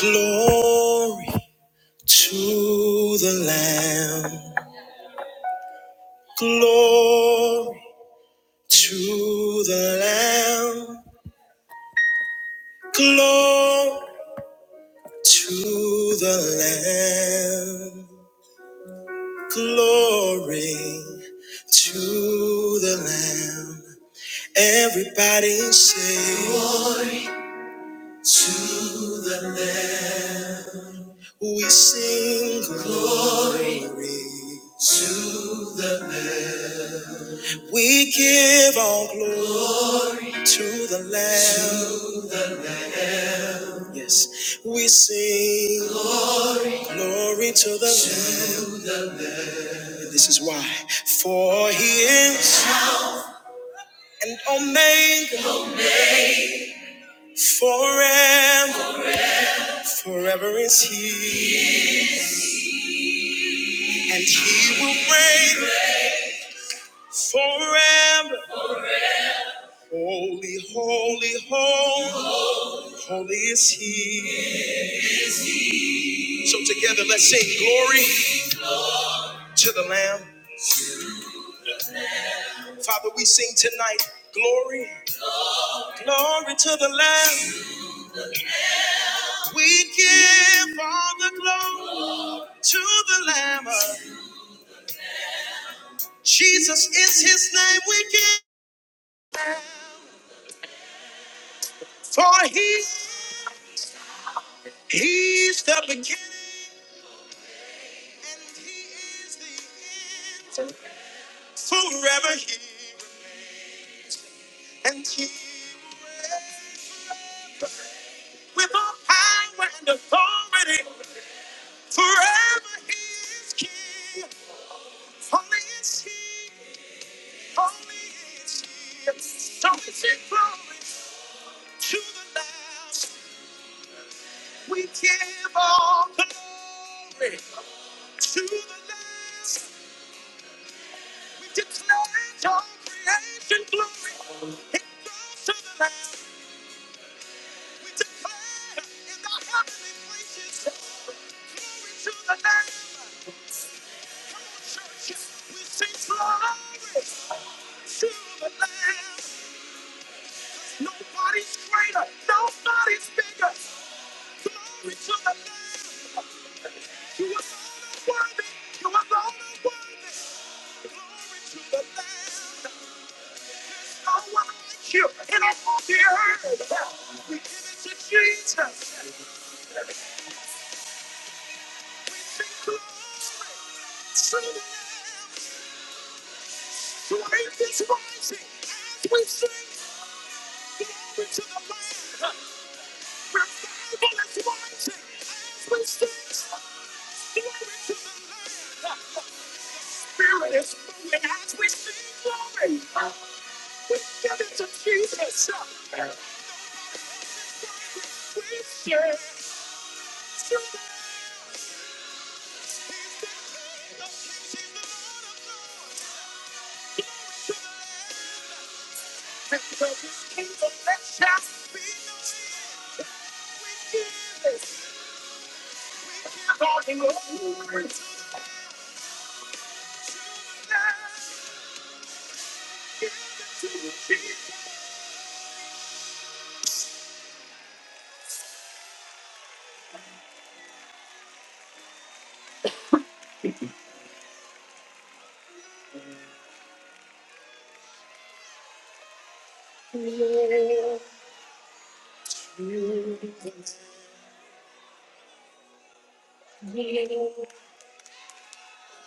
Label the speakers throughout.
Speaker 1: Glory to the Lamb. Glory to the Lamb. Glory to the Lamb. Glory to the Lamb. Everybody say, Glory to the Lamb. We sing glory to the Lamb. We give all glory to the Lamb. Yes, we sing glory to the Lamb. And this is why. For he is and omega forever. Forever is he. And he will reign forever. Holy, holy, holy, holy is he. So together let's sing glory to the Lamb. Father, we sing tonight glory. Glory to the Lamb. We give all the glory to the Lamb. Jesus is his name. We give for he he's the beginning and he is the end. Forever he and he will reign with all power and authority.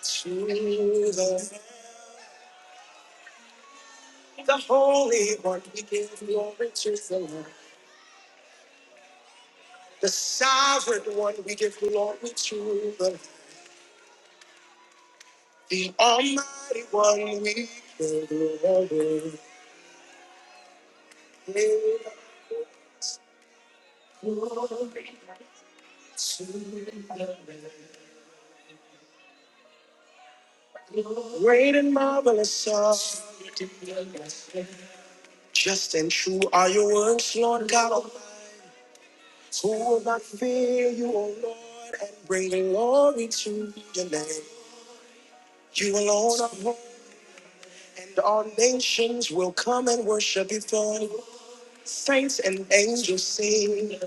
Speaker 1: To the, the Holy One we give glory to. the Lamb. The sovereign one we give glory to, the, the almighty one we give glory. Angels sing,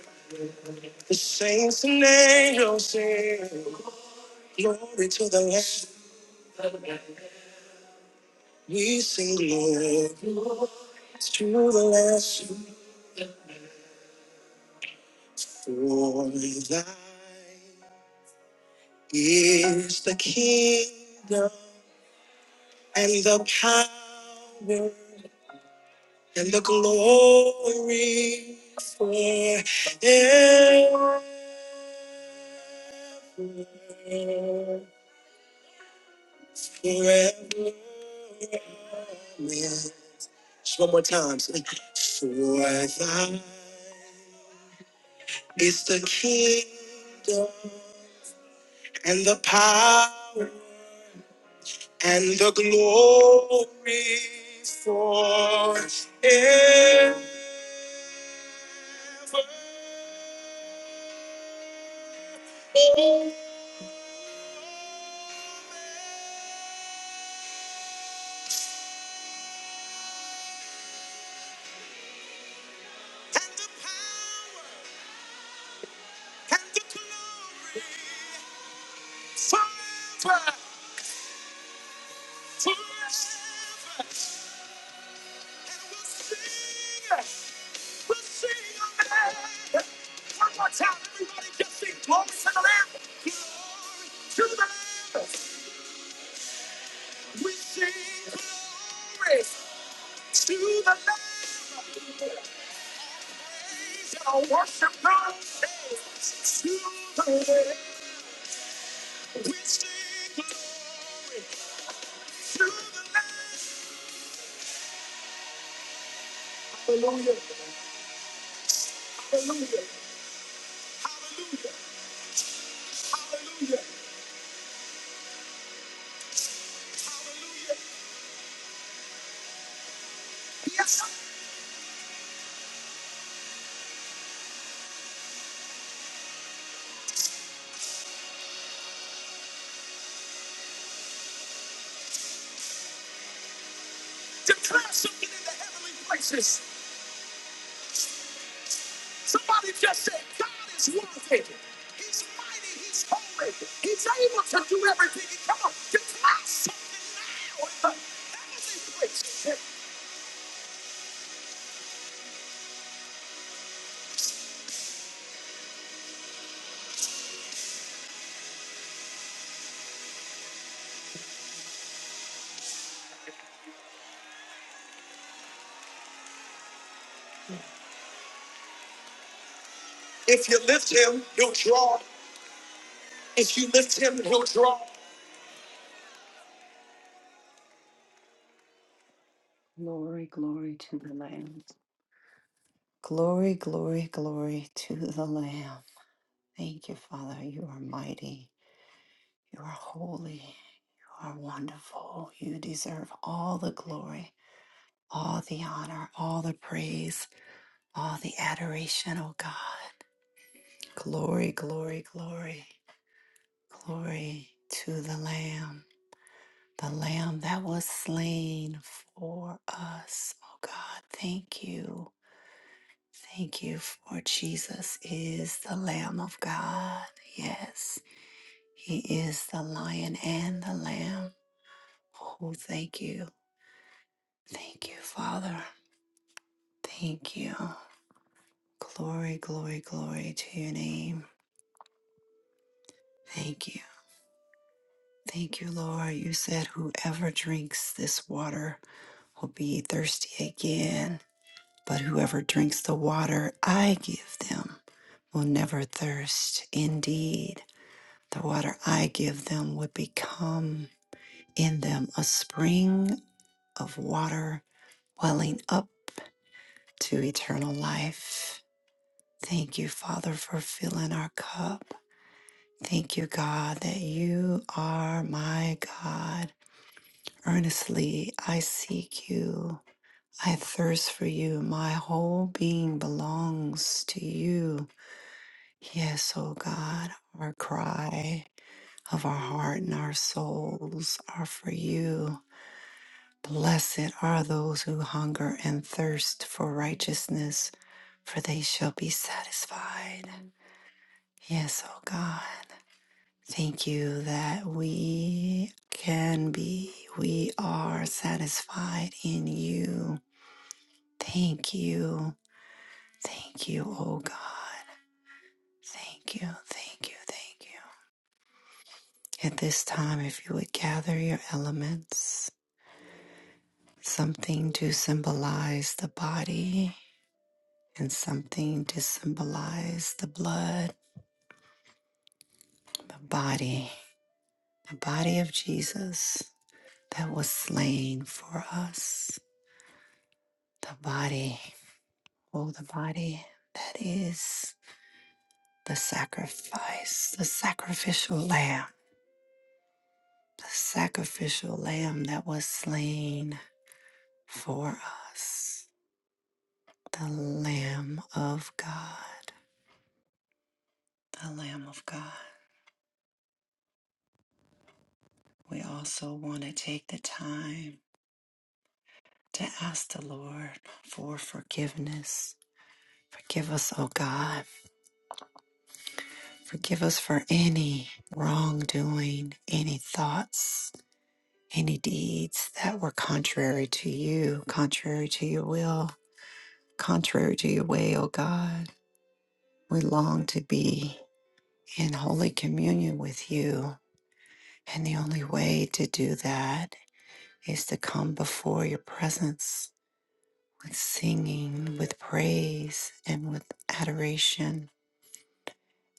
Speaker 1: the saints and angels sing, glory to the Lamb. We sing glory to the Lamb, for thine is the kingdom and the power and the glory forever. Forever. Just one more time. say, For thine is the kingdom and the power and the glory forever. Glory, glory to the Lamb. Glory, glory, glory to the Lamb. Thank you, Father. You are mighty. You are holy. You are wonderful. You deserve all the glory, all the honor, all the praise, all the adoration, oh God. Glory, glory, glory, glory to the Lamb, the Lamb that was slain for us, oh God. Thank you. Thank you for Jesus is the Lamb of God. Yes. He is the lion and the lamb. Oh, thank you. Thank you, Father. Thank you. Glory, glory, glory to your name. Thank you. Thank you, Lord. You said whoever drinks this water will be thirsty again, but whoever drinks the water I give them will never thirst. Indeed, the water I give them would become in them a spring of water welling up to eternal life. Thank you, Father, for filling our cup. Thank you, God, that you are my God. Earnestly I seek you. I thirst for you. My whole being belongs to you. Yes, O God, our cry of our heart and our souls are for you. Blessed are those who hunger and thirst for righteousness, for they shall be satisfied. Yes, O God. Thank you that we can be, we are satisfied in you. Thank you. Thank you, oh God. Thank you, thank you, thank you. At this time, if you would gather your elements, something to symbolize the body and something to symbolize the blood, the body, the body of Jesus that was slain for us, the body. Oh, the body that is the sacrifice, the sacrificial lamb, the sacrificial lamb that was slain for us, the Lamb of God, the Lamb of God. We also want to take the time to ask the Lord for forgiveness. Forgive us, oh God. Forgive us for any wrongdoing, any thoughts Any deeds that were contrary to you, contrary to your will, contrary to your way, O God. We long to be in holy communion with you. And the only way to do that is to come before your presence with singing, with praise, and with adoration,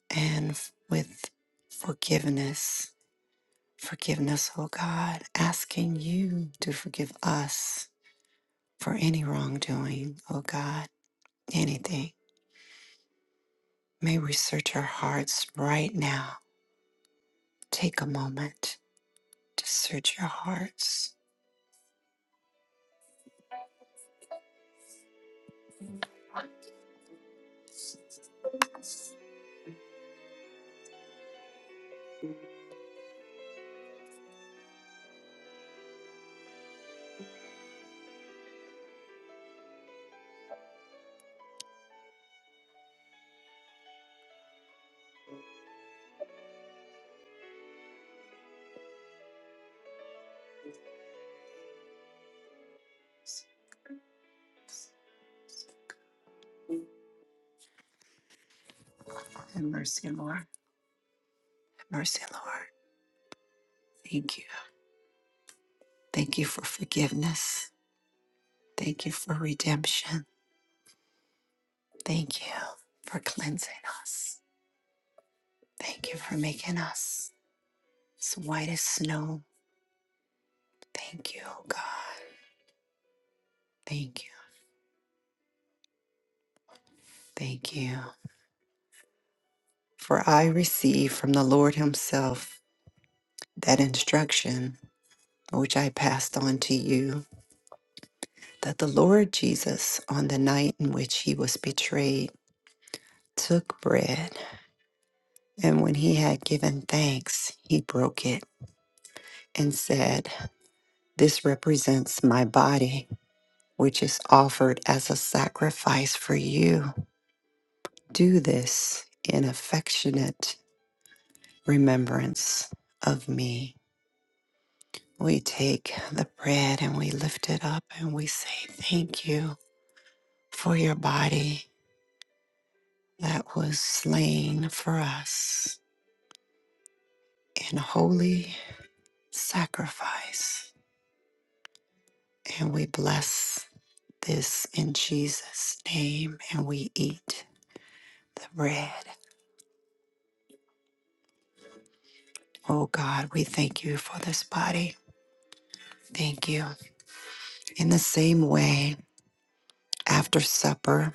Speaker 1: and f- with forgiveness. Forgiveness, O God, asking you to forgive us for any wrongdoing, O God anything. May we search our hearts right now. Take a moment to search your hearts. Have mercy, Lord. Have mercy, Lord. Thank you. Thank you for forgiveness. Thank you for redemption. Thank you for cleansing us. Thank you for making us as white as snow. Thank you, oh God. Thank you. Thank you. For I received from the Lord Himself that instruction which I passed on to you that the Lord Jesus, on the night in which he was betrayed, took bread, and when he had given thanks, he broke it and said, This represents my body, which is offered as a sacrifice for you. Do this in affectionate remembrance of me. We take the bread and we lift it up and we say, Thank you for your body that was slain for us. In holy sacrifice. And we bless this in Jesus' name and we eat the bread. Oh God, we thank you for this body. Thank you. In the same way, after supper,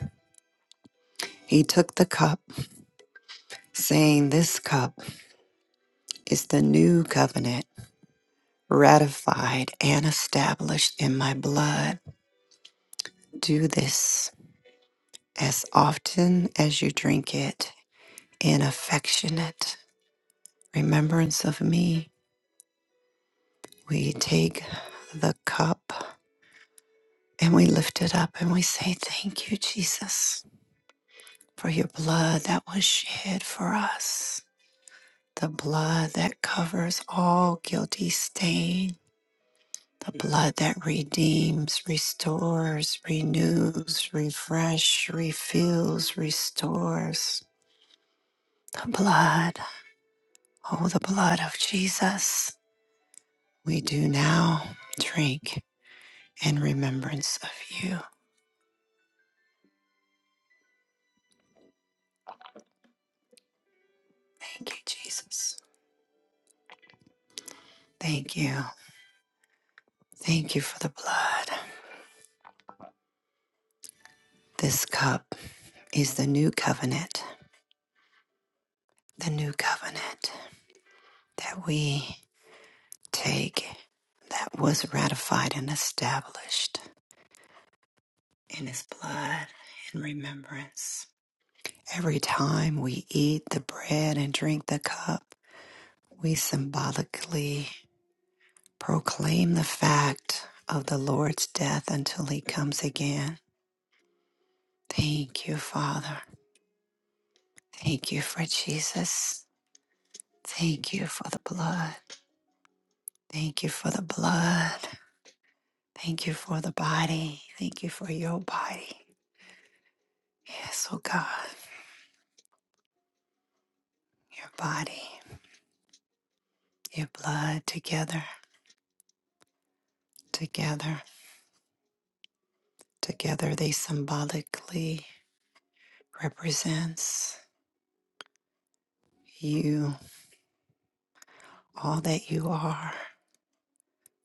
Speaker 1: he took the cup, saying, This cup is the new covenant, ratified and established in my blood. Do this as often as you drink it in affectionate remembrance of me, we take the cup and we lift it up and we say, Thank you, Jesus, for your blood that was shed for us, the blood that covers all guilty stain, the blood that redeems, restores, renews, refresh, refills, restores. The blood, oh, the blood of Jesus, we do now drink in remembrance of you. Thank you, Jesus. Thank you. Thank you for the blood. This cup is the new covenant, the new covenant that we take that was ratified and established in his blood in remembrance. Every time we eat the bread and drink the cup, we symbolically proclaim the fact of the Lord's death until he comes again. Thank you, Father. Thank you for Jesus. Thank you for the blood. Thank you for the blood. Thank you for the body. Thank you for your body. Yes, oh God, your body, your blood together, together, together. They symbolically represents you, all that you are,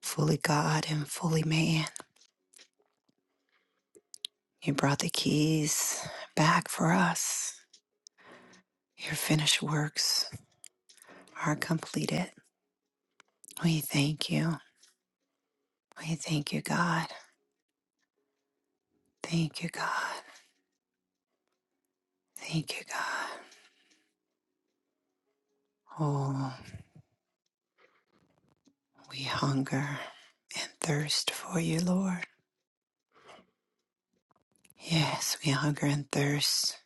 Speaker 1: fully God and fully man. You brought the keys back for us. Your finished works are completed. We thank you. We thank you, God. Thank you, God. Thank you, God. Oh, we hunger and thirst for you, Lord. Yes, we hunger and thirst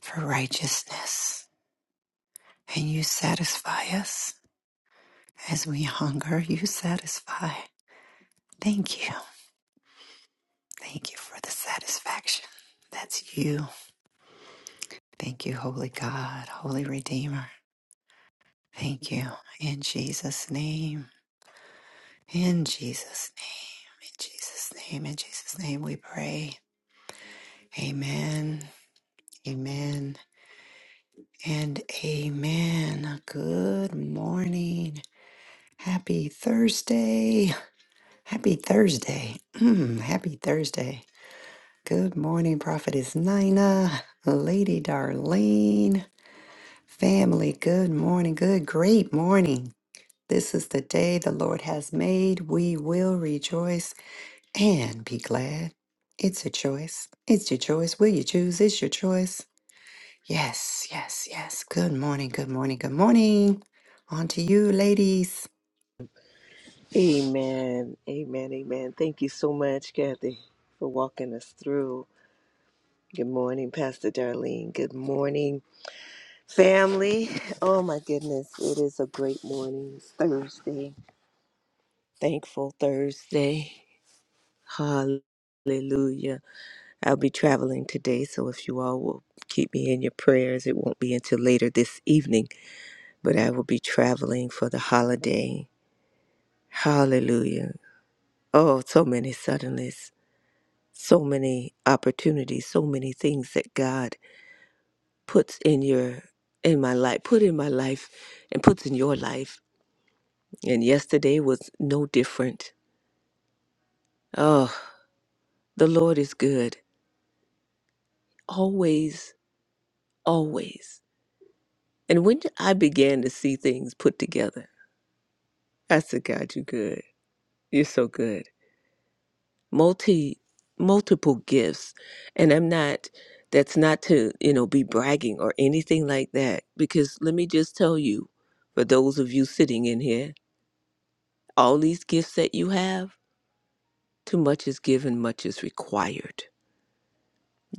Speaker 1: for righteousness. And you satisfy us. As we hunger, you satisfy. Thank you. Thank you for the satisfaction. That's you. Thank you, Holy God, Holy Redeemer. Thank you. In Jesus' name. In Jesus' name. In Jesus' name. In Jesus' name we pray. Amen, amen, and amen. Good morning. Happy Thursday. Happy Thursday. Mm, happy Thursday. Good morning, Prophetess Nina, Lady Darlene, family. Good morning. Good, great morning. This is the day the Lord has made. We will rejoice and be glad. It's a choice. It's your choice. Will you choose? It's your choice. Yes, yes, yes. Good morning, good morning, good morning. On to you, ladies.
Speaker 2: Amen. Amen. Amen. Thank you so much, Kathy, for walking us through. Good morning, Pastor Darlene. Good morning, family. Oh, my goodness. It is a great morning. It's Thursday. Thankful Thursday. Hallelujah. I'll be traveling today, so if you all will keep me in your prayers, it won't be until later this evening, but I will be traveling for the holiday. Hallelujah. Oh, so many suddenlies. so many opportunities, so many things that God puts in your in my life, put in my life and puts in your life. And yesterday was no different. Oh, the Lord is good. Always, always. And when I began to see things put together, I said, God, you're good. You're so good. multi multiple gifts and i'm not that's not to you know be bragging or anything like that because let me just tell you for those of you sitting in here all these gifts that you have too much is given much is required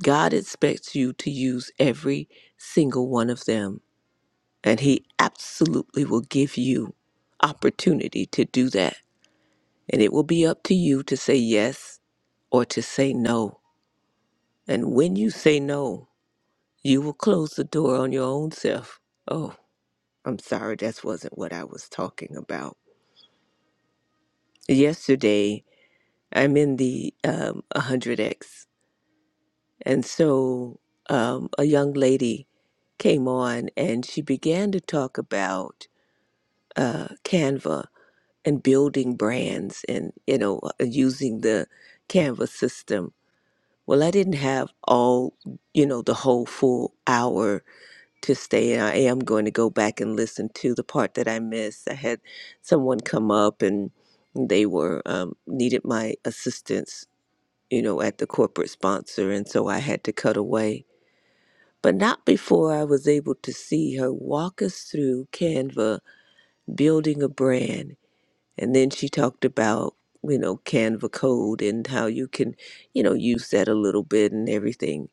Speaker 2: god expects you to use every single one of them and he absolutely will give you opportunity to do that and it will be up to you to say yes or to say no and when you say no You will close the door on your own self. Oh, I'm sorry, that wasn't what I was talking about. Yesterday, I'm in the um, 100X, and so um, a young lady came on and she began to talk about uh, Canva and building brands and, you know, uh, using the Canva system. Well, I didn't have all, you know, the whole full hour to stay. And I am going to go back and listen to the part that I missed. I had someone come up and they were um, needed my assistance, you know, at the corporate sponsor, and so I had to cut away. But not before I was able to see her walk us through Canva building a brand. And then she talked about, you know, Canva code and how you can, you know, use that a little bit and everything.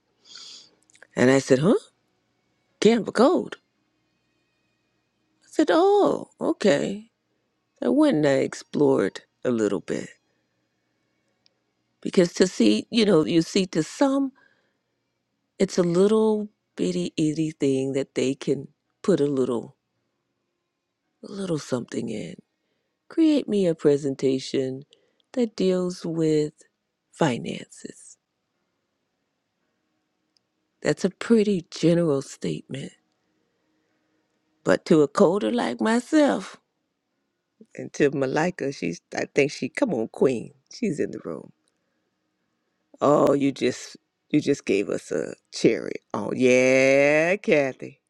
Speaker 2: And I said, huh? Canva code? I said, oh, okay. I wouldn't I explored a little bit because to see, you know, you see to some, it's a little bitty itty thing that they can put a little, a little something in. Create me a presentation that deals with finances. That's a pretty general statement, but to a coder like myself and to Malika, she's, I think she, come on, queen, she's in the room. Oh, you just you just gave us a cherry. Oh yeah, Kathy.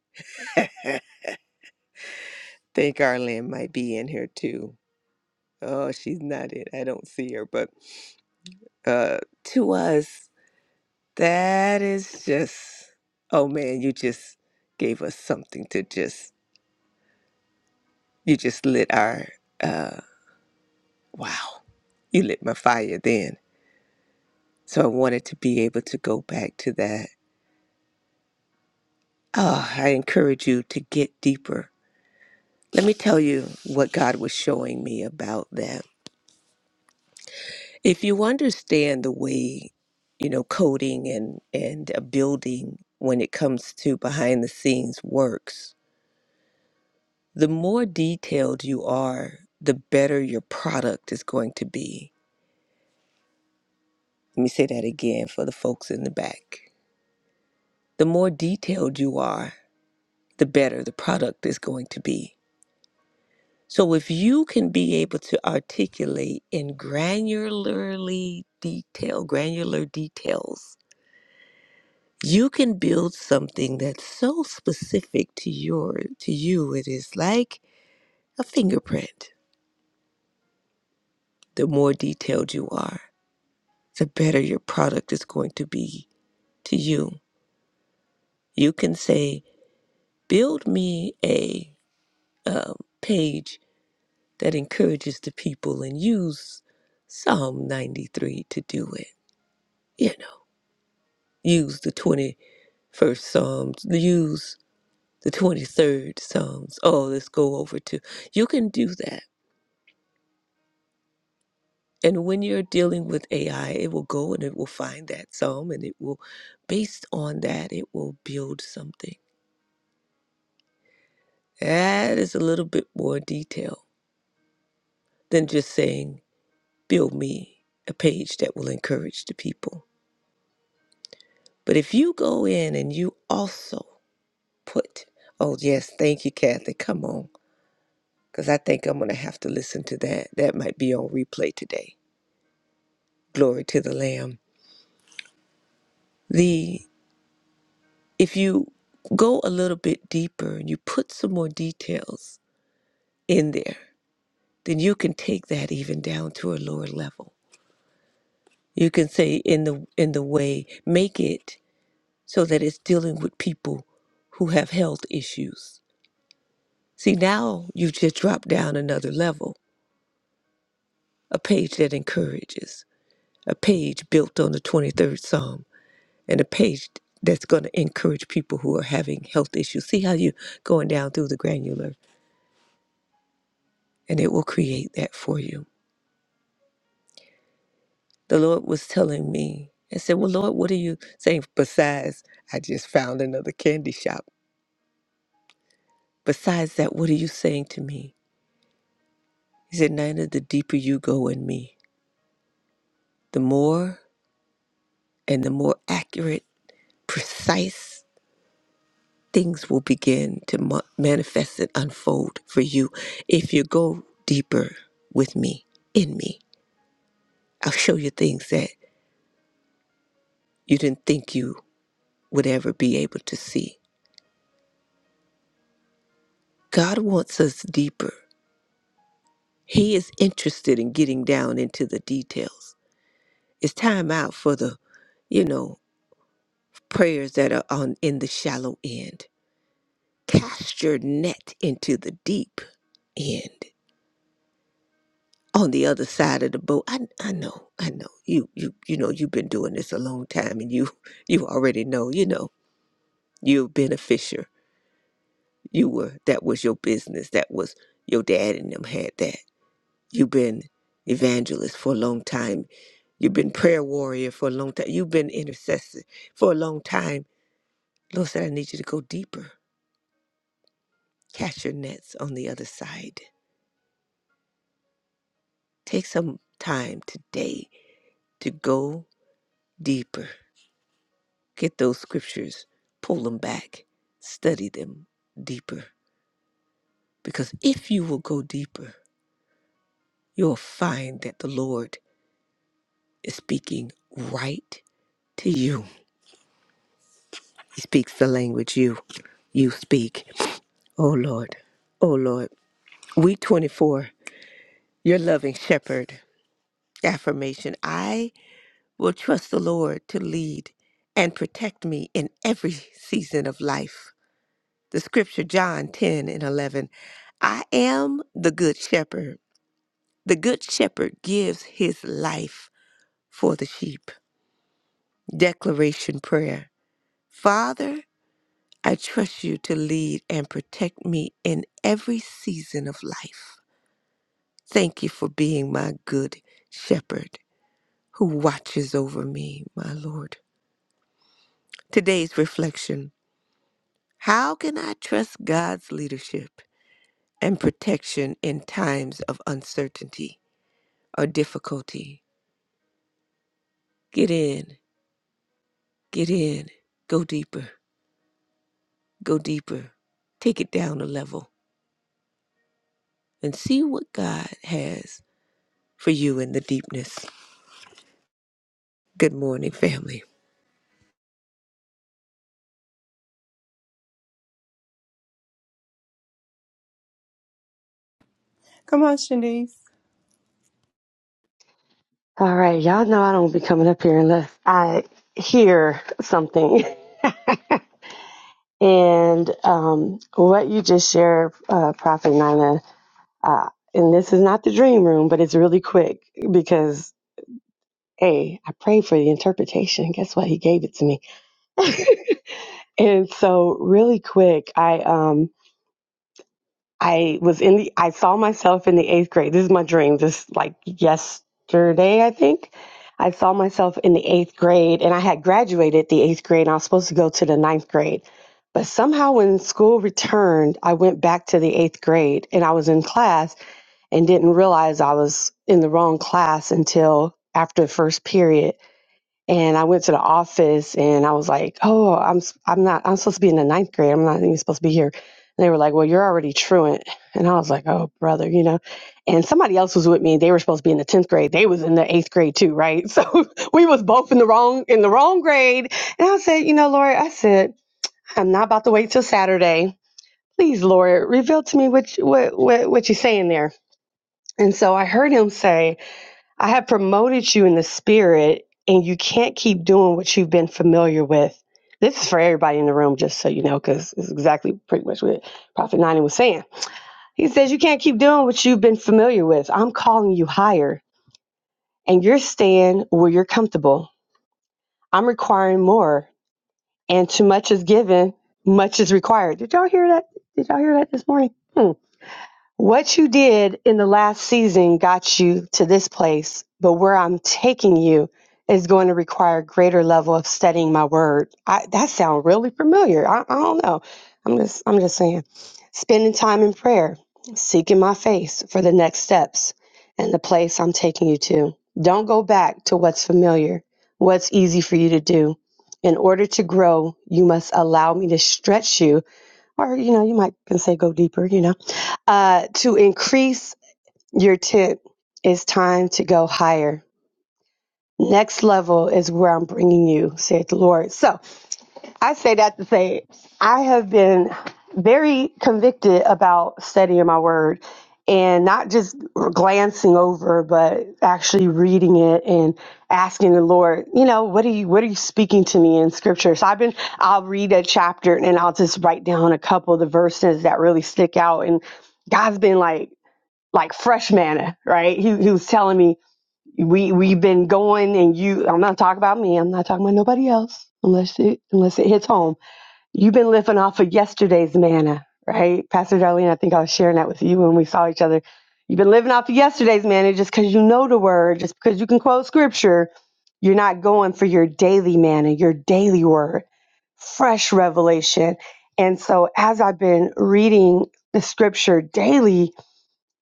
Speaker 2: think Arlene might be in here too. Oh, she's not in. I don't see her, but uh to us, that is just oh man, you just gave us something to just you just lit our uh wow. You lit my fire then. So I wanted to be able to go back to that. Oh, I encourage you to get deeper Let me tell you what God was showing me about that. If you understand the way, you know, coding and and a building when it comes to behind the scenes works, the more detailed you are, the better your product is going to be. Let me say that again for the folks in the back. The more detailed you are, the better the product is going to be So if you can be able to articulate in granularly detail, granular details, you can build something that's so specific to your to you it is like a fingerprint. The more detailed you are, the better your product is going to be to you. You can say, "Build me a um, page that encourages the people and use Psalm 93 to do it." You know use the 21st Psalms, use the 23rd Psalms. Oh, let's go over to. You can do that. And when you're dealing with AI, it will go and it will find that psalm and it will, based on that, it will build something. That is a little bit more detail than just saying, build me a page that will encourage the people. But if you go in and you also put, oh, yes, thank you, Kathy, come on. because I think I'm going to have to listen to that. That might be on replay today. Glory to the Lamb. The if you go a little bit deeper and you put some more details in there, then you can take that even down to a lower level. You can say in the in the way make it so that it's dealing with people who have health issues. See, now you've just dropped down another level, a page that encourages, a page built on the 23rd Psalm and a page that's going to encourage people who are having health issues. See how you going down through the granular, and it will create that for you. The Lord was telling me, I said, Well, Lord, what are you saying? Besides, I just found another candy shop. Besides that, what are you saying to me? He said, Nina, the deeper you go in me, the more and the more accurate, precise things will begin to ma- manifest and unfold for you if you go deeper with me, in me. I'll show you things that you didn't think you would ever be able to see. God wants us deeper. He is interested in getting down into the details. It's time out for the, you know, prayers that are on in the shallow end. Cast your net into the deep end. On the other side of the boat. I I know, I know. You you you know you've been doing this a long time and you you already know, you know, you've been a fisher You were that was your business. That was your dad and them had that. You've been evangelist for a long time. You've been prayer warrior for a long time. You've been intercessor for a long time. Lord said, I need you to go deeper. Catch your nets on the other side. Take some time today to go deeper. Get those scriptures, pull them back, study them deeper. Because if you will go deeper, you'll find that the Lord is speaking right to you. He speaks the language you you speak. Oh Lord. Oh Lord. We 24, your loving shepherd. Affirmation. I will trust the Lord to lead and protect me in every season of life. The scripture John 10 and 11. I am the good shepherd. The good shepherd gives his life for the sheep. Declaration prayer. Father, I trust you to lead and protect me in every season of life. Thank you for being my good shepherd who watches over me, my Lord. Today's reflection How can I trust God's leadership and protection in times of uncertainty or difficulty? Get in, get in, go deeper, go deeper, take it down a level, and see what God has for you in the deepness. Good morning, family.
Speaker 3: Come on, Shanice.
Speaker 4: All right, y'all know I don't be coming up here unless I hear something. And um, what you just shared, uh, Prophet Nina, uh, and this is not the dream room, but it's really quick because, hey, I prayed for the interpretation. Guess what? He gave it to me. And so, really quick, I. Um, I was in the, I saw myself in the eighth grade. This is my dream, This like yesterday, I think. I saw myself in the eighth grade and I had graduated the eighth grade and I was supposed to go to the ninth grade. But somehow when school returned, I went back to the eighth grade and I was in class and didn't realize I was in the wrong class until after the first period and I went to the office and I was like, "Oh, I'm s- I'm not I'm supposed to be in the ninth grade. I'm not even supposed to be here." And they were like, "Well, you're already truant." And I was like, "Oh, brother, you know." And somebody else was with me. They were supposed to be in the tenth grade. They was in the eighth grade too, right? So we was both in the wrong in the wrong grade. And I said, "You know, Lord, I said I'm not about to wait till Saturday. Please, Lord, reveal to me what you- what what, what you're saying there." And so I heard him say, I have promoted you in the spirit, and you can't keep doing what you've been familiar with. This is for everybody in the room, just so you know, because it's exactly pretty much what Prophet Nani was saying. He says, You can't keep doing what you've been familiar with. I'm calling you higher, and you're staying where you're comfortable. I'm requiring more, and too much is given, much is required. Did y'all hear that? Did y'all hear that this morning? Hmm. What you did in the last season got you to this place, but where I'm taking you is going to require a greater level of studying my word. I, that sounds really familiar. I, I don't know. I'm just I'm just saying, spending time in prayer, seeking my face for the next steps and the place I'm taking you to. Don't go back to what's familiar, what's easy for you to do. In order to grow, you must allow me to stretch you or you know you might can say go deeper you know uh, to increase your tent it's time to go higher next level is where i'm bringing you saith the lord so I say that to say I have been very convicted about studying my word and not just glancing over, but actually reading it and asking the Lord, you know, what are you what are you speaking to me in scripture? So I've been I'll read a chapter and I'll just write down a couple of the verses that really stick out. And God's been like like fresh manna, right? He, he was telling me we we've been going and you I'm not talking about me, I'm not talking about nobody else unless it unless it hits home You've been living off of yesterday's manna, right? Pastor Darlene, I think I was sharing that with you when we saw each other. You've been living off of yesterday's manna just because you know the word, just because you can quote scripture. You're not going for your daily manna, your daily word, fresh revelation. And so as I've been reading the scripture daily,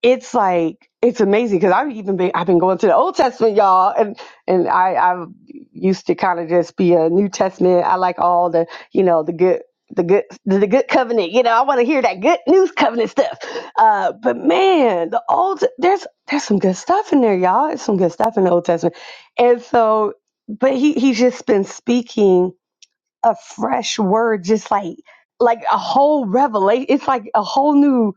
Speaker 4: it's like it's amazing because I've even been I've been going to the Old Testament, y'all, and and I I used to kind of just be a New Testament. I like all the you know the good the good the good covenant. You know, I want to hear that good news covenant stuff. Uh, but man, the old there's there's some good stuff in there, y'all. There's some good stuff in the Old Testament, and so but he he's just been speaking a fresh word, just like like a whole revelation. It's like a whole new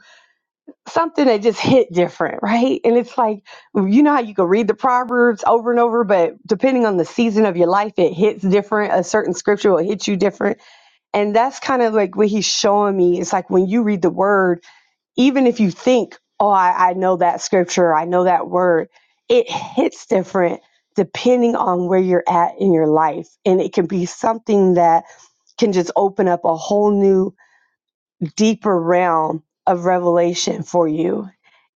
Speaker 4: something that just hit different, right? And it's like, you know how you can read the Proverbs over and over, but depending on the season of your life, it hits different. A certain scripture will hit you different. And that's kind of like what he's showing me. It's like when you read the word, even if you think, oh, I, I know that scripture, I know that word, it hits different depending on where you're at in your life. And it can be something that can just open up a whole new deeper realm of revelation for you.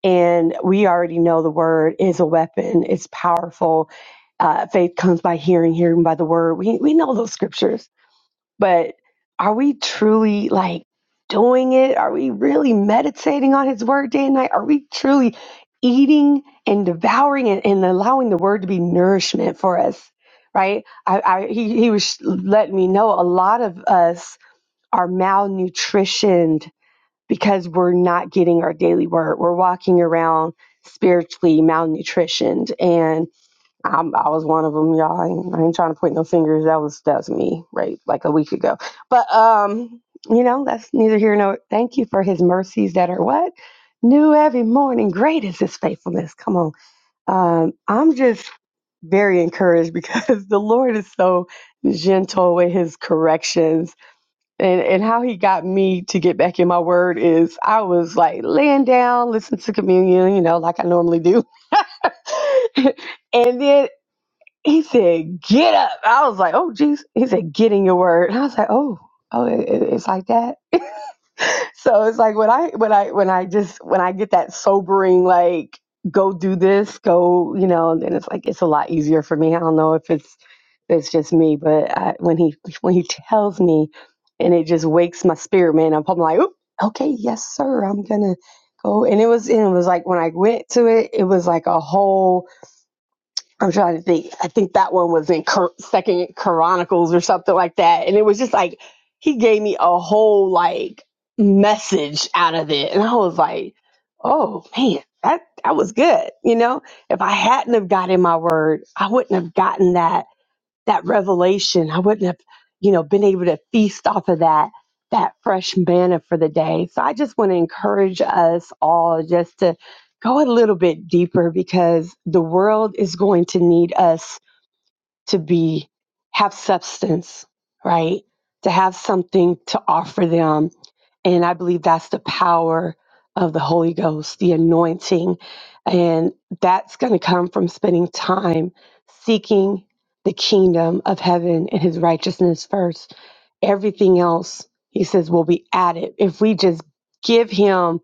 Speaker 4: And we already know the word is a weapon, it's powerful. Uh, faith comes by hearing, hearing by the word. We, we know those scriptures, but are we truly like doing it? Are we really meditating on his word day and night? Are we truly eating and devouring and, and allowing the word to be nourishment for us? Right? I, I he, he was letting me know a lot of us are malnutritioned because we're not getting our daily word. We're walking around spiritually malnutritioned, and um, I was one of them, y'all. I ain't, I ain't trying to point no fingers. That was that was me, right, like a week ago. But um, you know, that's neither here nor. Thank you for His mercies that are what new every morning. Great is His faithfulness. Come on, um, I'm just very encouraged because the Lord is so gentle with His corrections and and how he got me to get back in my word is I was like laying down, listening to communion, you know, like I normally do. and then he said, "Get up." I was like, "Oh, jeez." He said, "Get in your word." And I was like, "Oh, oh, it, it- it's like that." so it's like when I when I when I just when I get that sobering like go do this go you know and then it's like it's a lot easier for me. I don't know if it's it's just me, but I, when he when he tells me and it just wakes my spirit man I'm probably like, Oop, okay, yes sir, I'm gonna go. And it was and it was like when I went to it, it was like a whole I'm trying to think. I think that one was in Cor- Second Chronicles or something like that, and it was just like he gave me a whole like message out of it, and I was like, "Oh man, that that was good." You know, if I hadn't have gotten my word, I wouldn't have gotten that that revelation. I wouldn't have, you know, been able to feast off of that that fresh manna for the day. So I just want to encourage us all just to go a little bit deeper because the world is going to need us to be have substance, right? To have something to offer them. And I believe that's the power of the Holy Ghost, the anointing. And that's going to come from spending time seeking the kingdom of heaven and his righteousness first. Everything else, he says, will be added if we just give him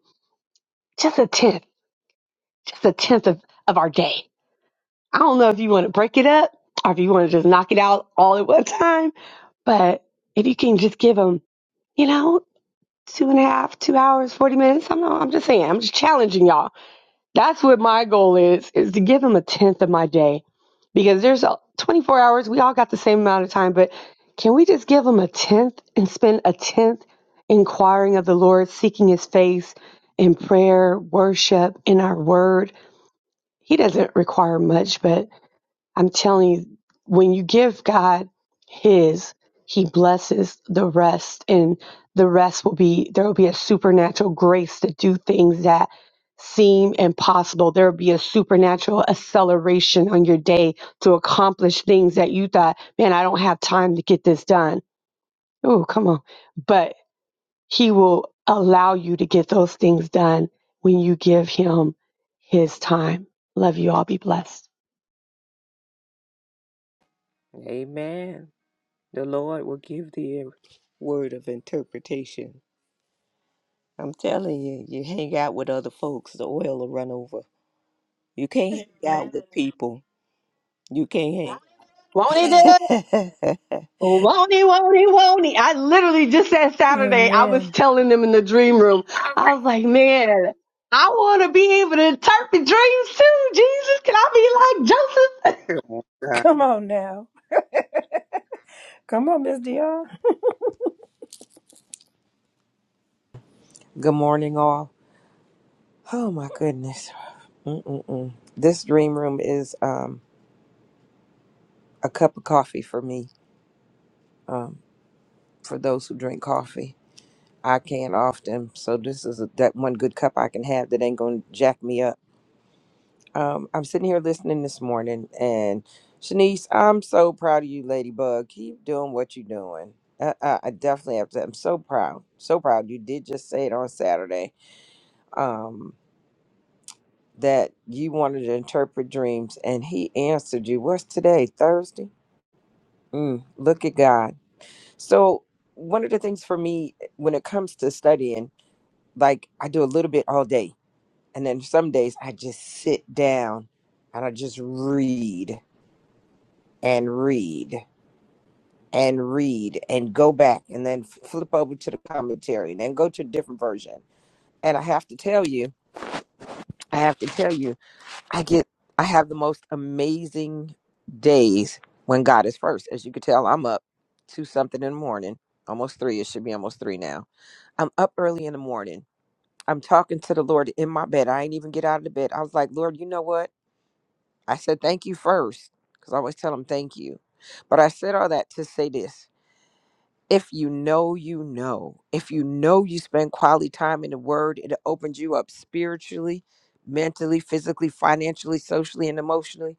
Speaker 4: just a tenth, just a tenth of, of our day. I don't know if you want to break it up or if you want to just knock it out all at one time but if you can just give them, you know, two and a half, two hours, 40 minutes, I'm, not, I'm just saying, I'm just challenging y'all. That's what my goal is, is to give them a tenth of my day because there's a, 24 hours. We all got the same amount of time, but can we just give them a tenth and spend a tenth inquiring of the Lord, seeking his face in prayer, worship, in our word? He doesn't require much, but I'm telling you, when you give God His, He blesses the rest, and the rest will be there will be a supernatural grace to do things that seem impossible. There will be a supernatural acceleration on your day to accomplish things that you thought, man, I don't have time to get this done. Oh, come on. But He will allow you to get those things done when you give Him His time. Love you all. Be blessed.
Speaker 2: Amen. The Lord will give thee a word of interpretation. I'm telling you, you hang out with other folks, the oil will run over. You can't hang out with people. You can't hang.
Speaker 4: Won't He do it? Won't he, won't he, won't he? I literally just said Saturday, I was
Speaker 3: Amen.
Speaker 4: telling them in the dream room, I was like, man, I want to be able to interpret dreams too. Jesus, can I be like Joseph?
Speaker 3: Come on now. Come on, Miss Dion.
Speaker 5: Good morning, all. Oh my goodness. Mm-mm-mm. This dream room is um, a cup of coffee for me. Um, for those who drink coffee, I can't often, so this is a, that one good cup I can have that ain't gonna jack me up. Um, I'm sitting here listening this morning, and Shanice, I'm so proud of you, Ladybug. Keep doing what you're doing. Uh, I, I definitely have to. I'm so proud, so proud. You did just say it on Saturday. Um, that you wanted to interpret dreams and he answered you what's today thursday mm, look at god so one of the things for me eh, when it comes to studying like i do a little bit all day and then some days i just sit down and i just read and read and read and go back and then flip over to the commentary and then go to a different version and i have to tell you i have to tell you I get I have the most amazing days when God is first. As you can tell, I'm up two something in the morning, almost three. It should be almost three now. I'm up early in the morning. I'm talking to the Lord in my bed. I ain't even get out of the bed. I was like, Lord, you know what? I said thank you first. Because I always tell him thank you. But I said all that to say this. If you know, you know. If you know you spend quality time in the word, it opens you up spiritually, mentally, physically, financially, socially, and emotionally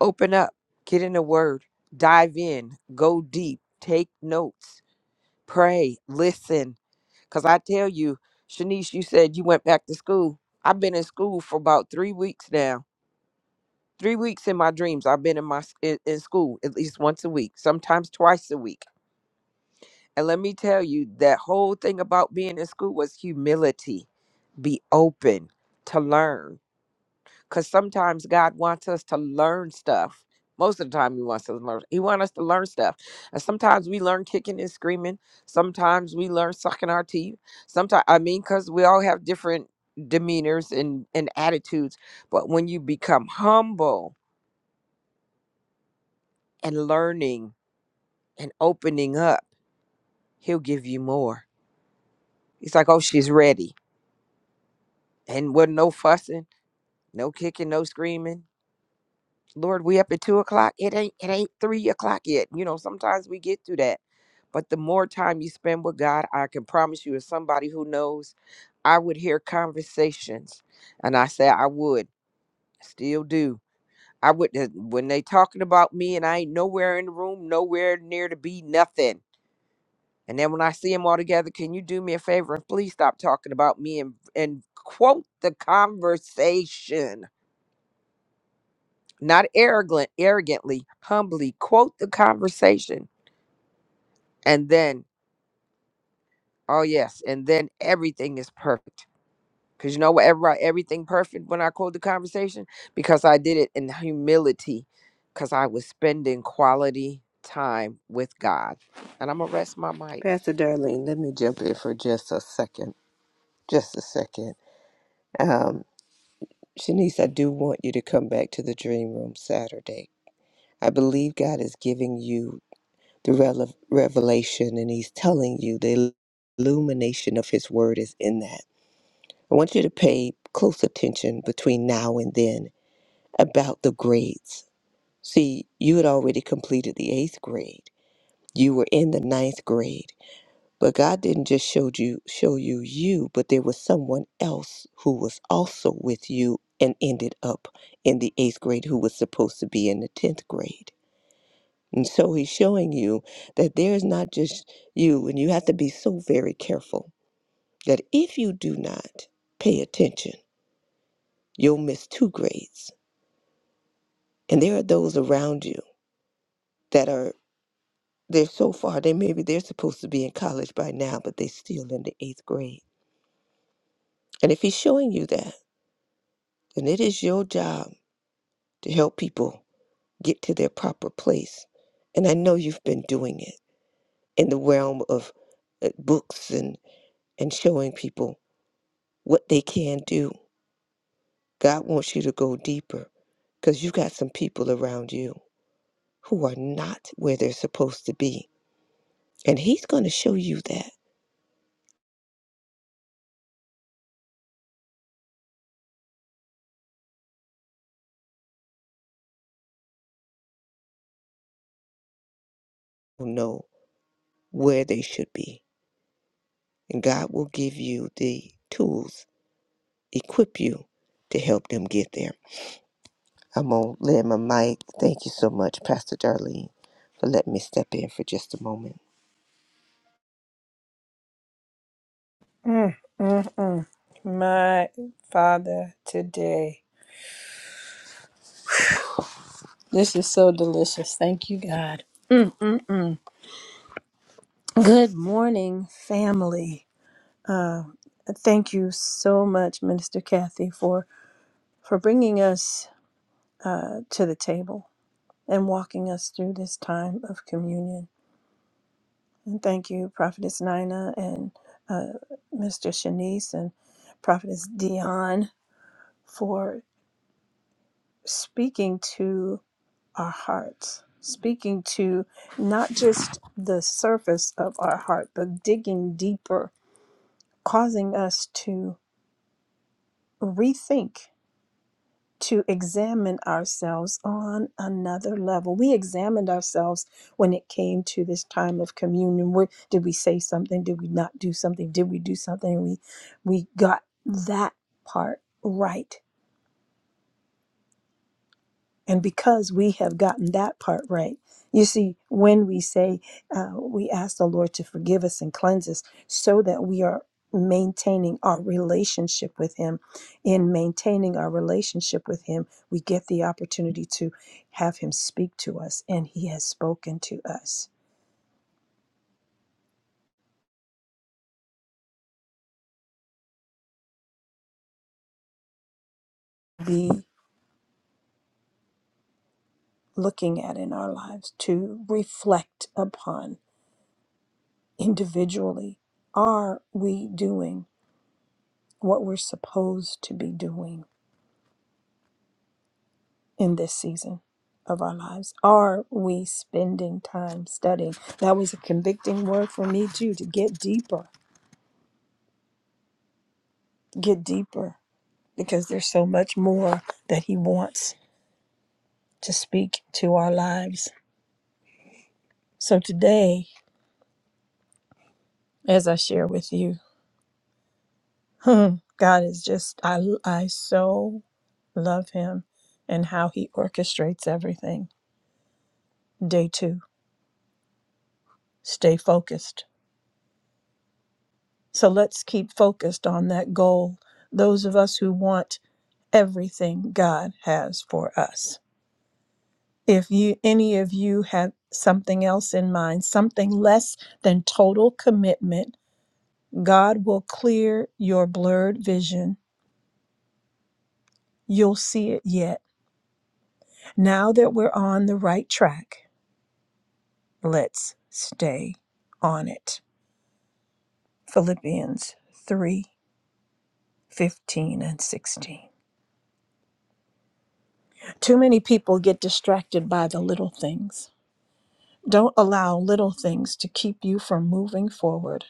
Speaker 5: Open up, get in the word, dive in, go deep, take notes, pray, listen. Because I tell you, Shanice, you said you went back to school. I've been in school for about three weeks now. Three weeks in my dreams, I've been in my s- in, in school at least once a week, sometimes twice a week. And let me tell you, that whole thing about being in school was humility. Be open to learn because sometimes God wants us to learn stuff. Most of the time, He wants us to learn. He wants us to learn stuff, and sometimes we learn kicking and screaming. Sometimes we learn sucking our teeth. Sometimes, I mean, because we all have different demeanors and and attitudes. But when you become humble and learning and opening up, He'll give you more. He's like, "Oh, she's ready," and with no fussing, no kicking, no screaming. Lord, we up at two o'clock. It ain't it ain't three o'clock yet. You know, sometimes we get through that. But the more time you spend with God, I can promise you, as somebody who knows, I would hear conversations. And I say I would, still do. I would uh, when they talking about me and I ain't nowhere in the room, nowhere near to be nothing. And then when I see them all together, can you do me a favor and please stop talking about me and and quote the conversation? not arrogant, arrogantly, humbly quote the conversation, and then, oh yes, and then everything is perfect. Because you know what, everybody, everything perfect when I quote the conversation because I did it in humility, because I was spending quality time with God. And I'm gonna rest my mic.
Speaker 2: Pastor Darlene, let me jump in for just a second. Just a second. Um, Shanice, I do want you to come back to the dream room Saturday. I believe God is giving you the rele- revelation and He's telling you the illumination of His word is in that. I want you to pay close attention between now and then about the grades. See, you had already completed the eighth grade. You were in the ninth grade, but God didn't just show you show you you, but there was someone else who was also with you and ended up in the eighth grade who was supposed to be in the tenth grade. And so he's showing you that there's not just you, and you have to be so very careful that if you do not pay attention, you'll miss two grades And there are those around you that are, they're so far, they maybe they're supposed to be in college by now, but they're still in the eighth grade. And if he's showing you that, then it is your job to help people get to their proper place. And I know you've been doing it in the realm of uh, books and, and showing people what they can do. God wants you to go deeper because you've got some people around you who are not where they're supposed to be. And he's going to show you that. Oh, No. where they should be. And God will give you the tools, equip you to help them get there. I'm going to let my mic. Thank you so much, Pastor Darlene, for letting me step in for just a moment.
Speaker 3: My Father, today. This is so delicious. Thank you, God. Mm-mm-mm. Good morning, family. Thank you so much, Minister Kathy, for, for bringing us uh, to the table and walking us through this time of communion. And thank you, Prophetess Nina and uh, Mr. Shanice and Prophetess Dion, for speaking to our hearts, speaking to not just the surface of our heart, but digging deeper, causing us to rethink, to examine ourselves on another level. We examined ourselves when it came to this time of communion. Where, did we say something? Did we not do something? Did we do something? We we got that part right And because we have gotten that part right, you see, when we say uh, we ask the Lord to forgive us and cleanse us so that we are maintaining our relationship with Him, in maintaining our relationship with Him, we get the opportunity to have Him speak to us, and He has spoken to us. Be looking at in our lives to reflect upon individually are we doing what we're supposed to be doing? in this season of our lives? Are we spending time studying? That was a convicting word for me, too, to get deeper, get deeper, because there's so much more that He wants to speak to our lives. So today, as I share with you, God is just, I, I so love Him and how He orchestrates everything. Day two, stay focused. So let's keep focused on that goal. Those of us who want everything God has for us. If you any of you have something else in mind, something less than total commitment, God will clear your blurred vision. You'll see it yet. Now that we're on the right track, let's stay on it. Philippians 3 15 and 16. Too many people get distracted by the little things. Don't allow little things to keep you from moving forward.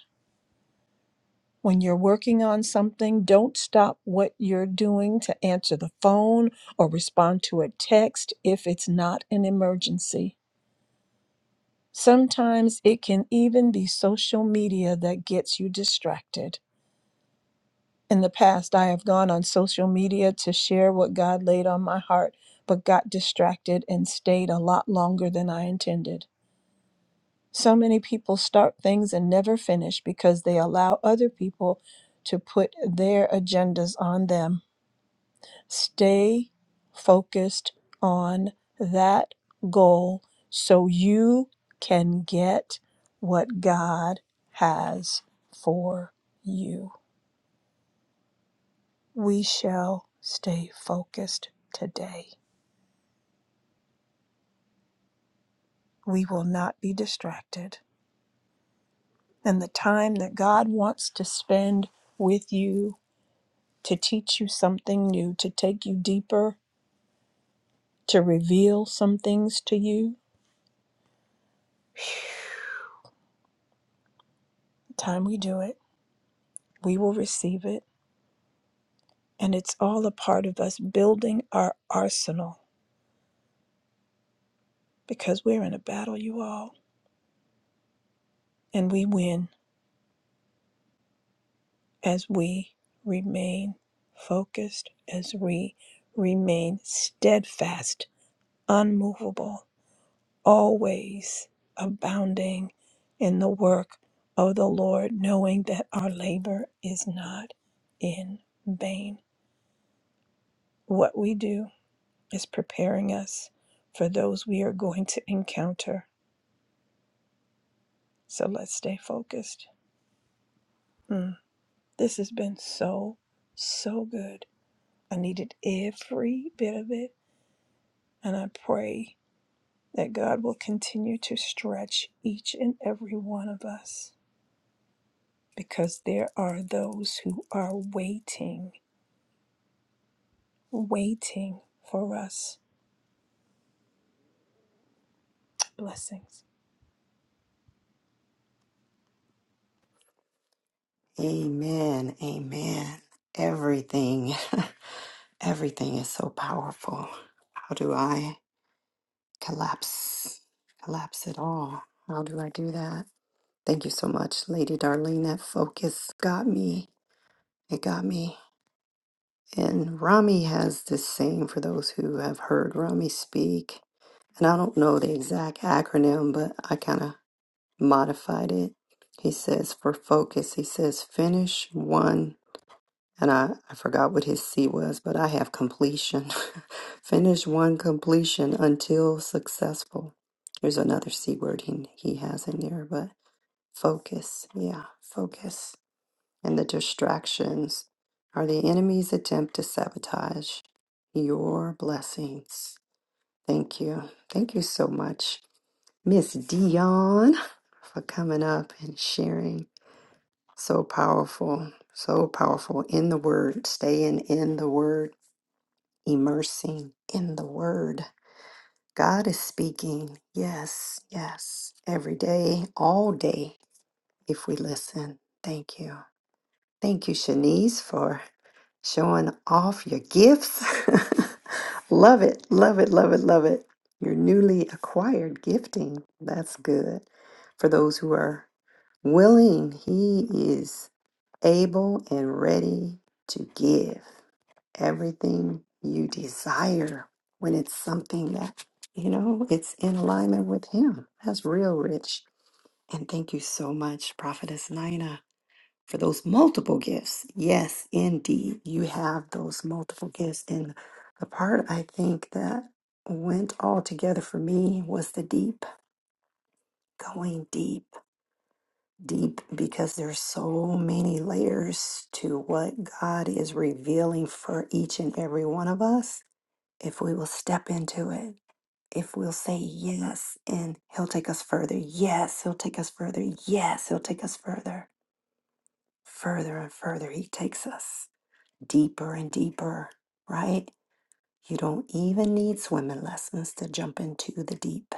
Speaker 3: When you're working on something, don't stop what you're doing to answer the phone or respond to a text if it's not an emergency. Sometimes it can even be social media that gets you distracted. In the past, I have gone on social media to share what God laid on my heart, but got distracted and stayed a lot longer than I intended. So many people start things and never finish because they allow other people to put their agendas on them Stay focused on that goal so you can get what God has for you. We shall stay focused today. We will not be distracted. And the time that God wants to spend with you to teach you something new, to take you deeper, to reveal some things to you, the time we do it, we will receive it And it's all a part of us building our arsenal because we're in a battle, you all. And we win as we remain focused, as we remain steadfast, unmovable, always abounding in the work of the Lord, knowing that our labor is not in vain. What we do is preparing us for those we are going to encounter. So let's stay focused. Mm, this has been so, so good. I needed every bit of it, and I pray that God will continue to stretch each and every one of us because there are those who are waiting, waiting for us. Blessings.
Speaker 1: Amen, amen. Everything, everything is so powerful. How do I collapse? Collapse it all. How do I do that? Thank you so much, Lady Darlene. That focus got me. It got me. And Rami has this saying for those who have heard Rami speak. And I don't know the exact acronym, but I kind of modified it. He says for focus, he says finish one, and I, I forgot what his C was, but I have completion. finish one completion until successful. There's another C word he, he has in there, but focus. Yeah, focus. And the distractions are the enemy's attempt to sabotage your blessings. Thank you. Thank you so much, Miss Dion, for coming up and sharing. So powerful, so powerful in the word, staying in the word, immersing in the word. God is speaking. Yes, yes. Every day, all day, if we listen. Thank you. Thank you, Shanice, for showing off your gifts. love it, love it, love it, love it. Your newly acquired gifting. That's good. For those who are willing, He is. able and ready to give everything you desire when it's something that, you know, it's in alignment with Him. That's real rich. And thank you so much, Prophetess Nina, for those multiple gifts. Yes, indeed, you have those multiple gifts. And the part I think that went all together for me was the deep, going deep. deep because there's so many layers to what God is revealing for each and every one of us if we will step into it. If we'll say yes, and He'll take us further. Yes, He'll take us further. Yes, He'll take us further, further and further. He takes us deeper and deeper, right? You don't even need swimming lessons to jump into the deep.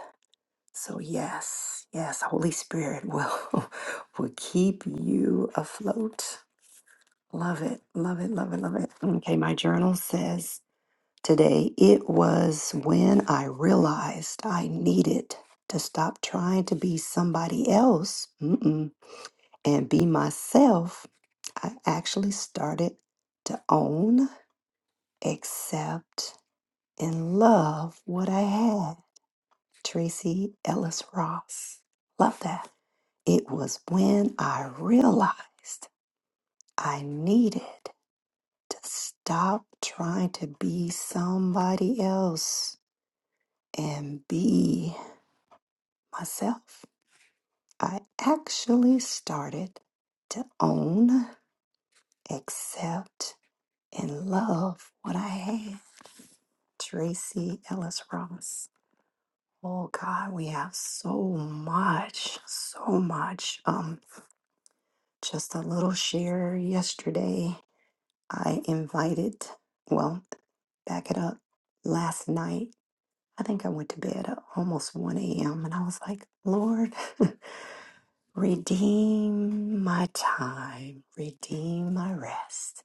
Speaker 1: So, yes, yes, Holy Spirit will, will keep you afloat Love it. Love it. Love it. Love it. Okay, my journal says today it was when I realized I needed to stop trying to be somebody else mm-mm, and be myself. I actually started to own, accept, and love what I had. Tracy Ellis Ross. Love that. It was when I realized I needed to stop trying to be somebody else and be myself. I actually started to own, accept, and love what I had. Tracy Ellis Ross. Oh God, we have so much, so much. Um, just a little share yesterday. I invited, well, back it up. Last night I think I went to bed at almost 1 a.m. and I was like, Lord, redeem my time, redeem my rest.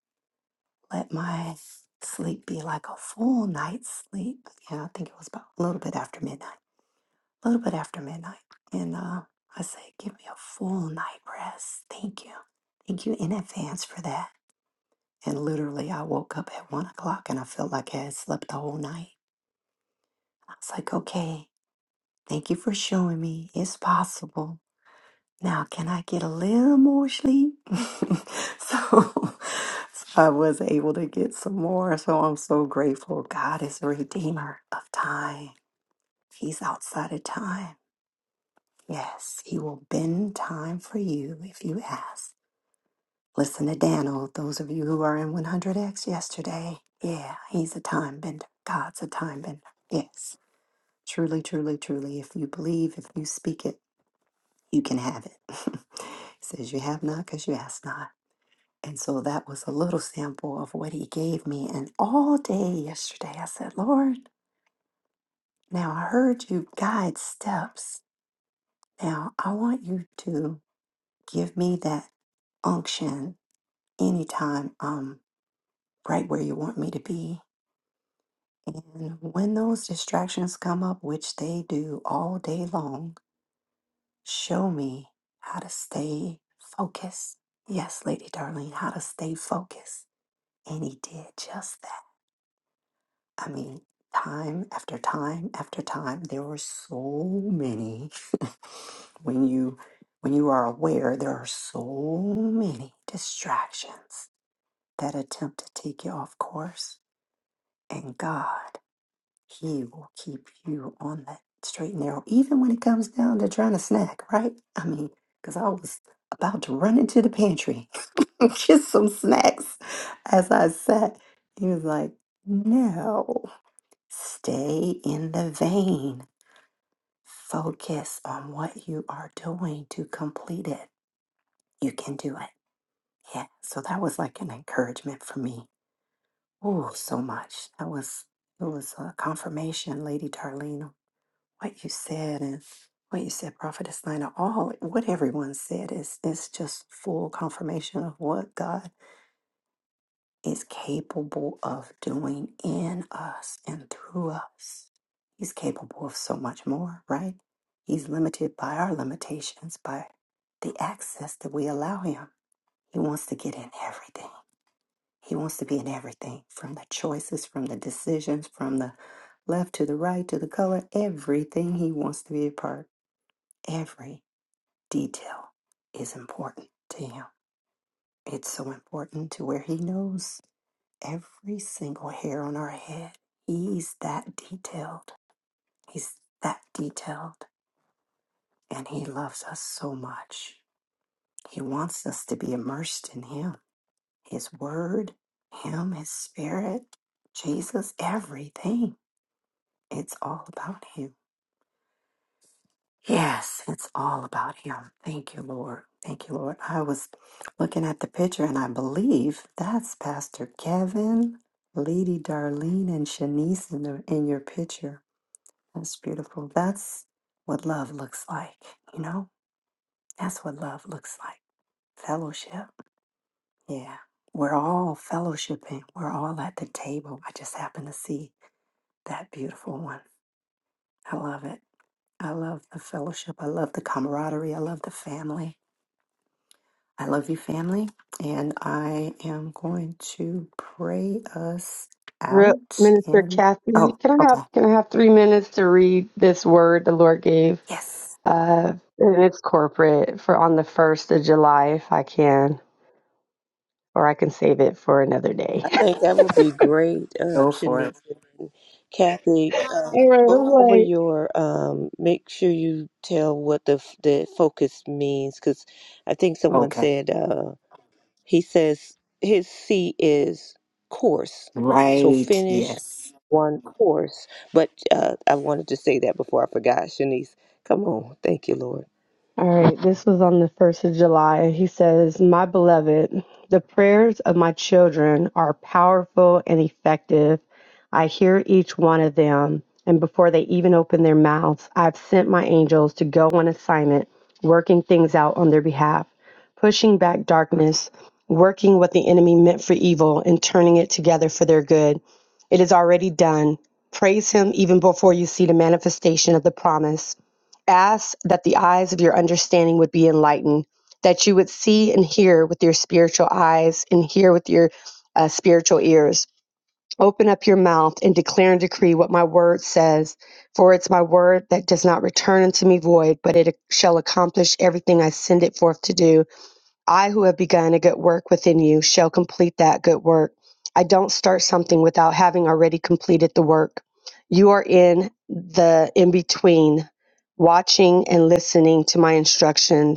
Speaker 1: Let my sleep be like a full night's sleep. Yeah, I think it was about a little bit after midnight, a little bit after midnight. And uh, I said, Give me a full night rest. Thank you. Thank you in advance for that. And literally, I woke up at one o'clock and I felt like I had slept the whole night. I was like, Okay, Thank you for showing me it's possible. Now, can I get a little more sleep? so, so I was able to get some more. So I'm so grateful. God is a redeemer of time. He's outside of time. Yes, he will bend time for you if you ask. Listen to Daniel, those of you who are in 100X yesterday. Yeah, he's a time bender. God's a time bender. Yes, truly, truly, truly. If you believe, if you speak it, you can have it. he says, You have not because you ask not. And so that was a little sample of what he gave me. And all day yesterday, I said, Lord, now I heard you guide steps. Now I want you to give me that unction anytime I'm right where you want me to be. And when those distractions come up, which they do all day long, show me how to stay focused. Yes, Lady Darlene, how to stay focused. And he did just that. I mean, time after time after time, there are so many. when you when you are aware, there are so many distractions that attempt to take you off course. And God, He will keep you on that straight and narrow, even when it comes down to trying to snack, right? I mean, because I was about to run into the pantry, and get some snacks as I sat. He was like, no. Stay in the vein. Focus on what you are doing to complete it. You can do it. Yeah. So that was like an encouragement for me. Oh, so much. That was it was a confirmation, Lady Darlene, what you said and what you said, Prophetess Nina. All what everyone said is is just full confirmation of what God is capable of doing in us and through us. He's capable of so much more, right? He's limited by our limitations, by the access that we allow him. He wants to get in everything. He wants to be in everything from the choices, from the decisions, from the left to the right to the color, everything he wants to be a part. Every detail is important to him. It's so important to where he knows every single hair on our head. He's that detailed. He's that detailed. And He loves us so much. He wants us to be immersed in Him, His Word, Him, His Spirit, Jesus, everything. It's all about Him. Yes, it's all about Him. Thank you, Lord. Thank you, Lord. I was looking at the picture and I believe that's Pastor Kevin, Lady Darlene, and Shanice in, the, in your picture. That's beautiful. That's what love looks like, you know? That's what love looks like. Fellowship. Yeah. We're all fellowshipping. We're all at the table. I just happen to see that beautiful one. I love it. I love the fellowship. I love the camaraderie. I love the family. I love you, family. And I am going to pray us
Speaker 4: Real,
Speaker 1: out
Speaker 4: Minister
Speaker 1: in.
Speaker 4: Kathy,
Speaker 1: Oh,
Speaker 4: can I have
Speaker 1: okay.
Speaker 4: can I have three minutes to read this word the Lord gave?
Speaker 1: Yes.
Speaker 4: Uh, and it's corporate for on the first of July, if I can, or I can save it for another day.
Speaker 2: I think that would be great, um,
Speaker 1: Go for
Speaker 2: Shanice.
Speaker 1: it.
Speaker 2: Kathy,
Speaker 4: All
Speaker 2: um,
Speaker 4: right,
Speaker 2: go
Speaker 4: all
Speaker 2: over
Speaker 4: right.
Speaker 2: your, um, make sure you tell what the, the focus means, because I think someone
Speaker 1: Okay.
Speaker 2: said He says his C is course. So
Speaker 1: Right.
Speaker 2: finish
Speaker 1: Yes.
Speaker 2: one course. But uh, I wanted to say that before I forgot, Shanice. Come on. Thank you, Lord.
Speaker 4: All right, this was on the 1st of July. He says, My beloved, the prayers of my children are powerful and effective. I hear each one of them, and before they even open their mouths, I've sent my angels to go on assignment, working things out on their behalf, pushing back darkness, working what the enemy meant for evil, and turning it together for their good. It is already done. Praise him even before you see the manifestation of the promise ask that the eyes of your understanding would be enlightened, that you would see and hear with your spiritual eyes and hear with your uh, spiritual ears. Open up your mouth and declare and decree what my word says, for it's my word that does not return unto me void, but it shall accomplish everything I send it forth to do I who have begun a good work within you shall complete that good work. I don't start something without having already completed the work. You are in the in between, watching and listening to my instructions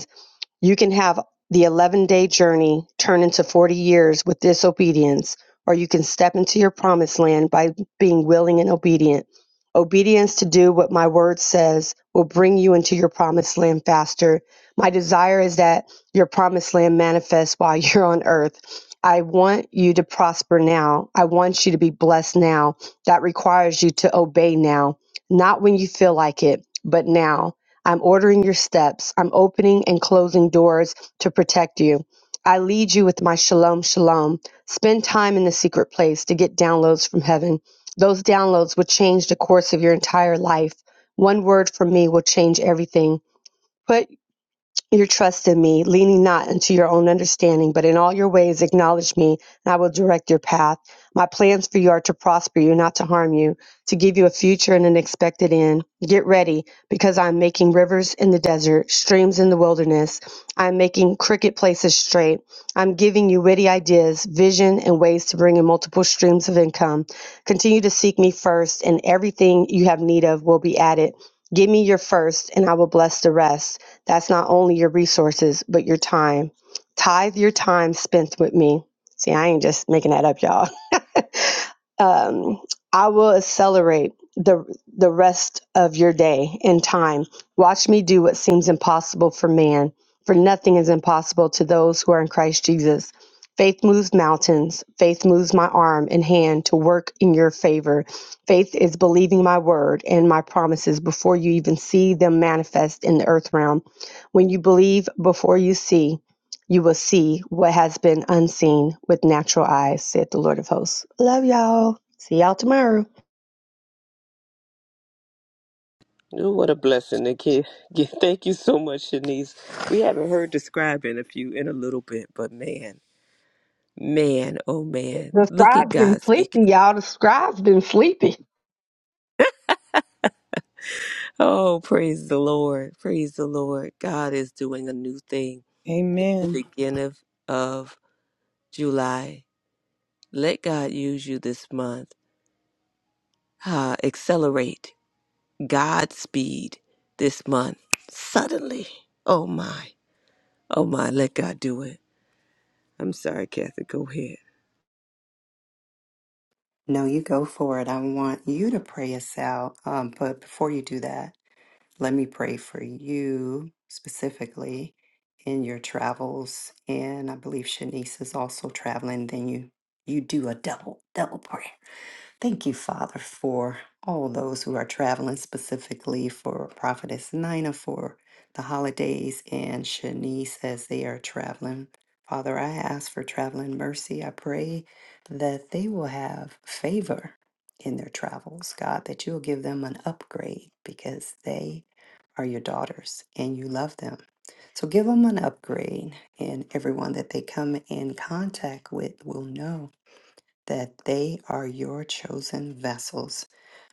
Speaker 4: you can have the 11 day journey turn into 40 years with disobedience, or you can step into your promised land by being willing and obedient. Obedience to do what my word says will bring you into your promised land faster. My desire is that your promised land manifests while you're on earth. I want you to prosper now. I want you to be blessed now. That requires you to obey now, not when you feel like it, but now. I'm ordering your steps. I'm opening and closing doors to protect you. I lead you with my shalom, shalom. Spend time in the secret place to get downloads from heaven. Those downloads will change the course of your entire life. One word from me will change everything. Put your trust in me, leaning not unto your own understanding, but in all your ways acknowledge me, and I will direct your path. My plans for you are to prosper you, not to harm you, to give you a future and an expected end. Get ready, because I am making rivers in the desert, streams in the wilderness. I am making crooked places straight. I'm giving you witty ideas, vision, and ways to bring in multiple streams of income. Continue to seek me first, and everything you have need of will be added. Give me your first, and I will bless the rest. That's not only your resources, but your time. Tithe your time spent with me. See, I ain't just making that up, y'all um, I will accelerate the the rest of your day and time. Watch me do what seems impossible for man, for nothing is impossible to those who are in Christ Jesus. Faith moves mountains. Faith moves my arm and hand to work in your favor. Faith is believing my word and my promises before you even see them manifest in the earth realm. When you believe before you see, you will see what has been unseen with natural eyes, said the Lord of hosts. Love y'all. See y'all tomorrow.
Speaker 2: Ooh, What a blessing to get, get. Thank you so much, Shanice. We haven't heard describe in a few in a little bit, but man, man, oh man,
Speaker 4: The
Speaker 2: look at
Speaker 4: scribe's been
Speaker 2: God speaking.
Speaker 4: sleepy, y'all. The scribe's been sleepy.
Speaker 2: Oh, praise the Lord, praise the Lord. God is doing a new thing. The
Speaker 3: Amen.
Speaker 2: beginning of, of July. Let God use you this month. uh, accelerate Godspeed this month. Suddenly. Oh my. Oh my. Let God do it. I'm sorry, Kathy. Go ahead.
Speaker 1: No, you go for it. I want you to pray us out. Um, but before you do that, let me pray for you specifically in your travels. And I believe Shanice is also traveling. Then you you do a double double prayer. Thank you, Father, for all those who are traveling specifically for Prophetess Nina for the holidays and Shanice as they are traveling. Father, I ask for traveling mercy. I pray that they will have favor in their travels, God, that you will give them an upgrade because they are your daughters and you love them. So give them an upgrade, and everyone that they come in contact with will know that they are your chosen vessels.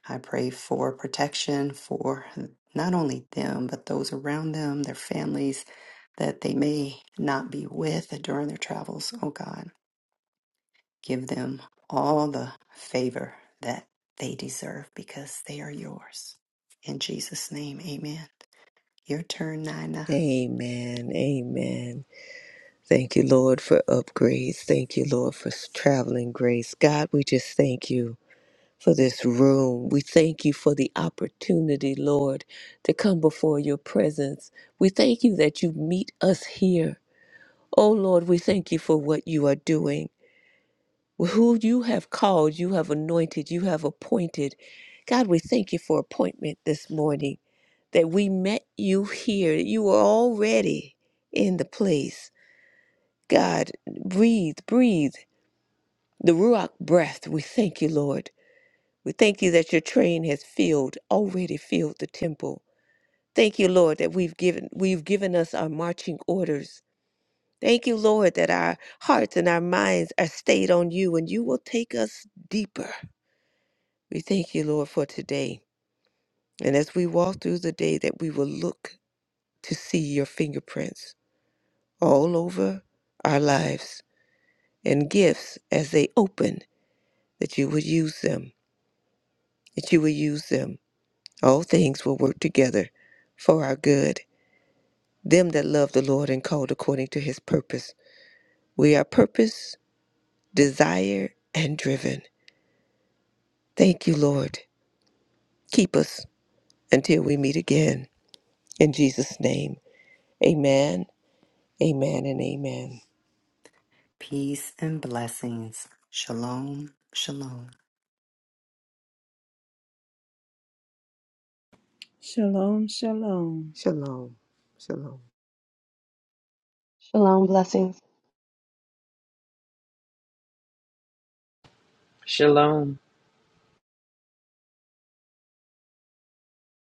Speaker 1: I pray for protection for not only them, but those around them, their families that they may not be with during their travels. Oh God, give them all the favor that they deserve because they are yours. In Jesus' name, amen. Your turn, Nina.
Speaker 2: Amen. Amen. Thank you, Lord, for upgrades. Thank you, Lord, for s- traveling grace. God, we just thank you for this room. We thank you for the opportunity, Lord, to come before your presence. We thank you that you meet us here. Oh, Lord, we thank you for what you are doing. who you have called, you have anointed, you have appointed. God, we thank you for appointment this morning, that we met you here. You were already in the place. God, breathe, breathe. The Ruach breath, we thank you, Lord. We thank you that your train has filled, already filled the temple. Thank you, Lord, that we've given we've given us our marching orders. Thank you, Lord, that our hearts and our minds are stayed on you and you will take us deeper We thank you, Lord, for today. And as we walk through the day, that we will look to see your fingerprints all over our lives and gifts as they open, that you would use them, that you would use them. All things will work together for our good. Them that love the Lord and called according to his purpose. We are purpose, desire, and driven. Thank you, Lord. Keep us until we meet again. In Jesus' name, amen, amen, and amen.
Speaker 1: Peace and blessings. Shalom, shalom.
Speaker 3: Shalom, shalom.
Speaker 2: Shalom. Shalom.
Speaker 4: Shalom, blessings.
Speaker 5: Shalom.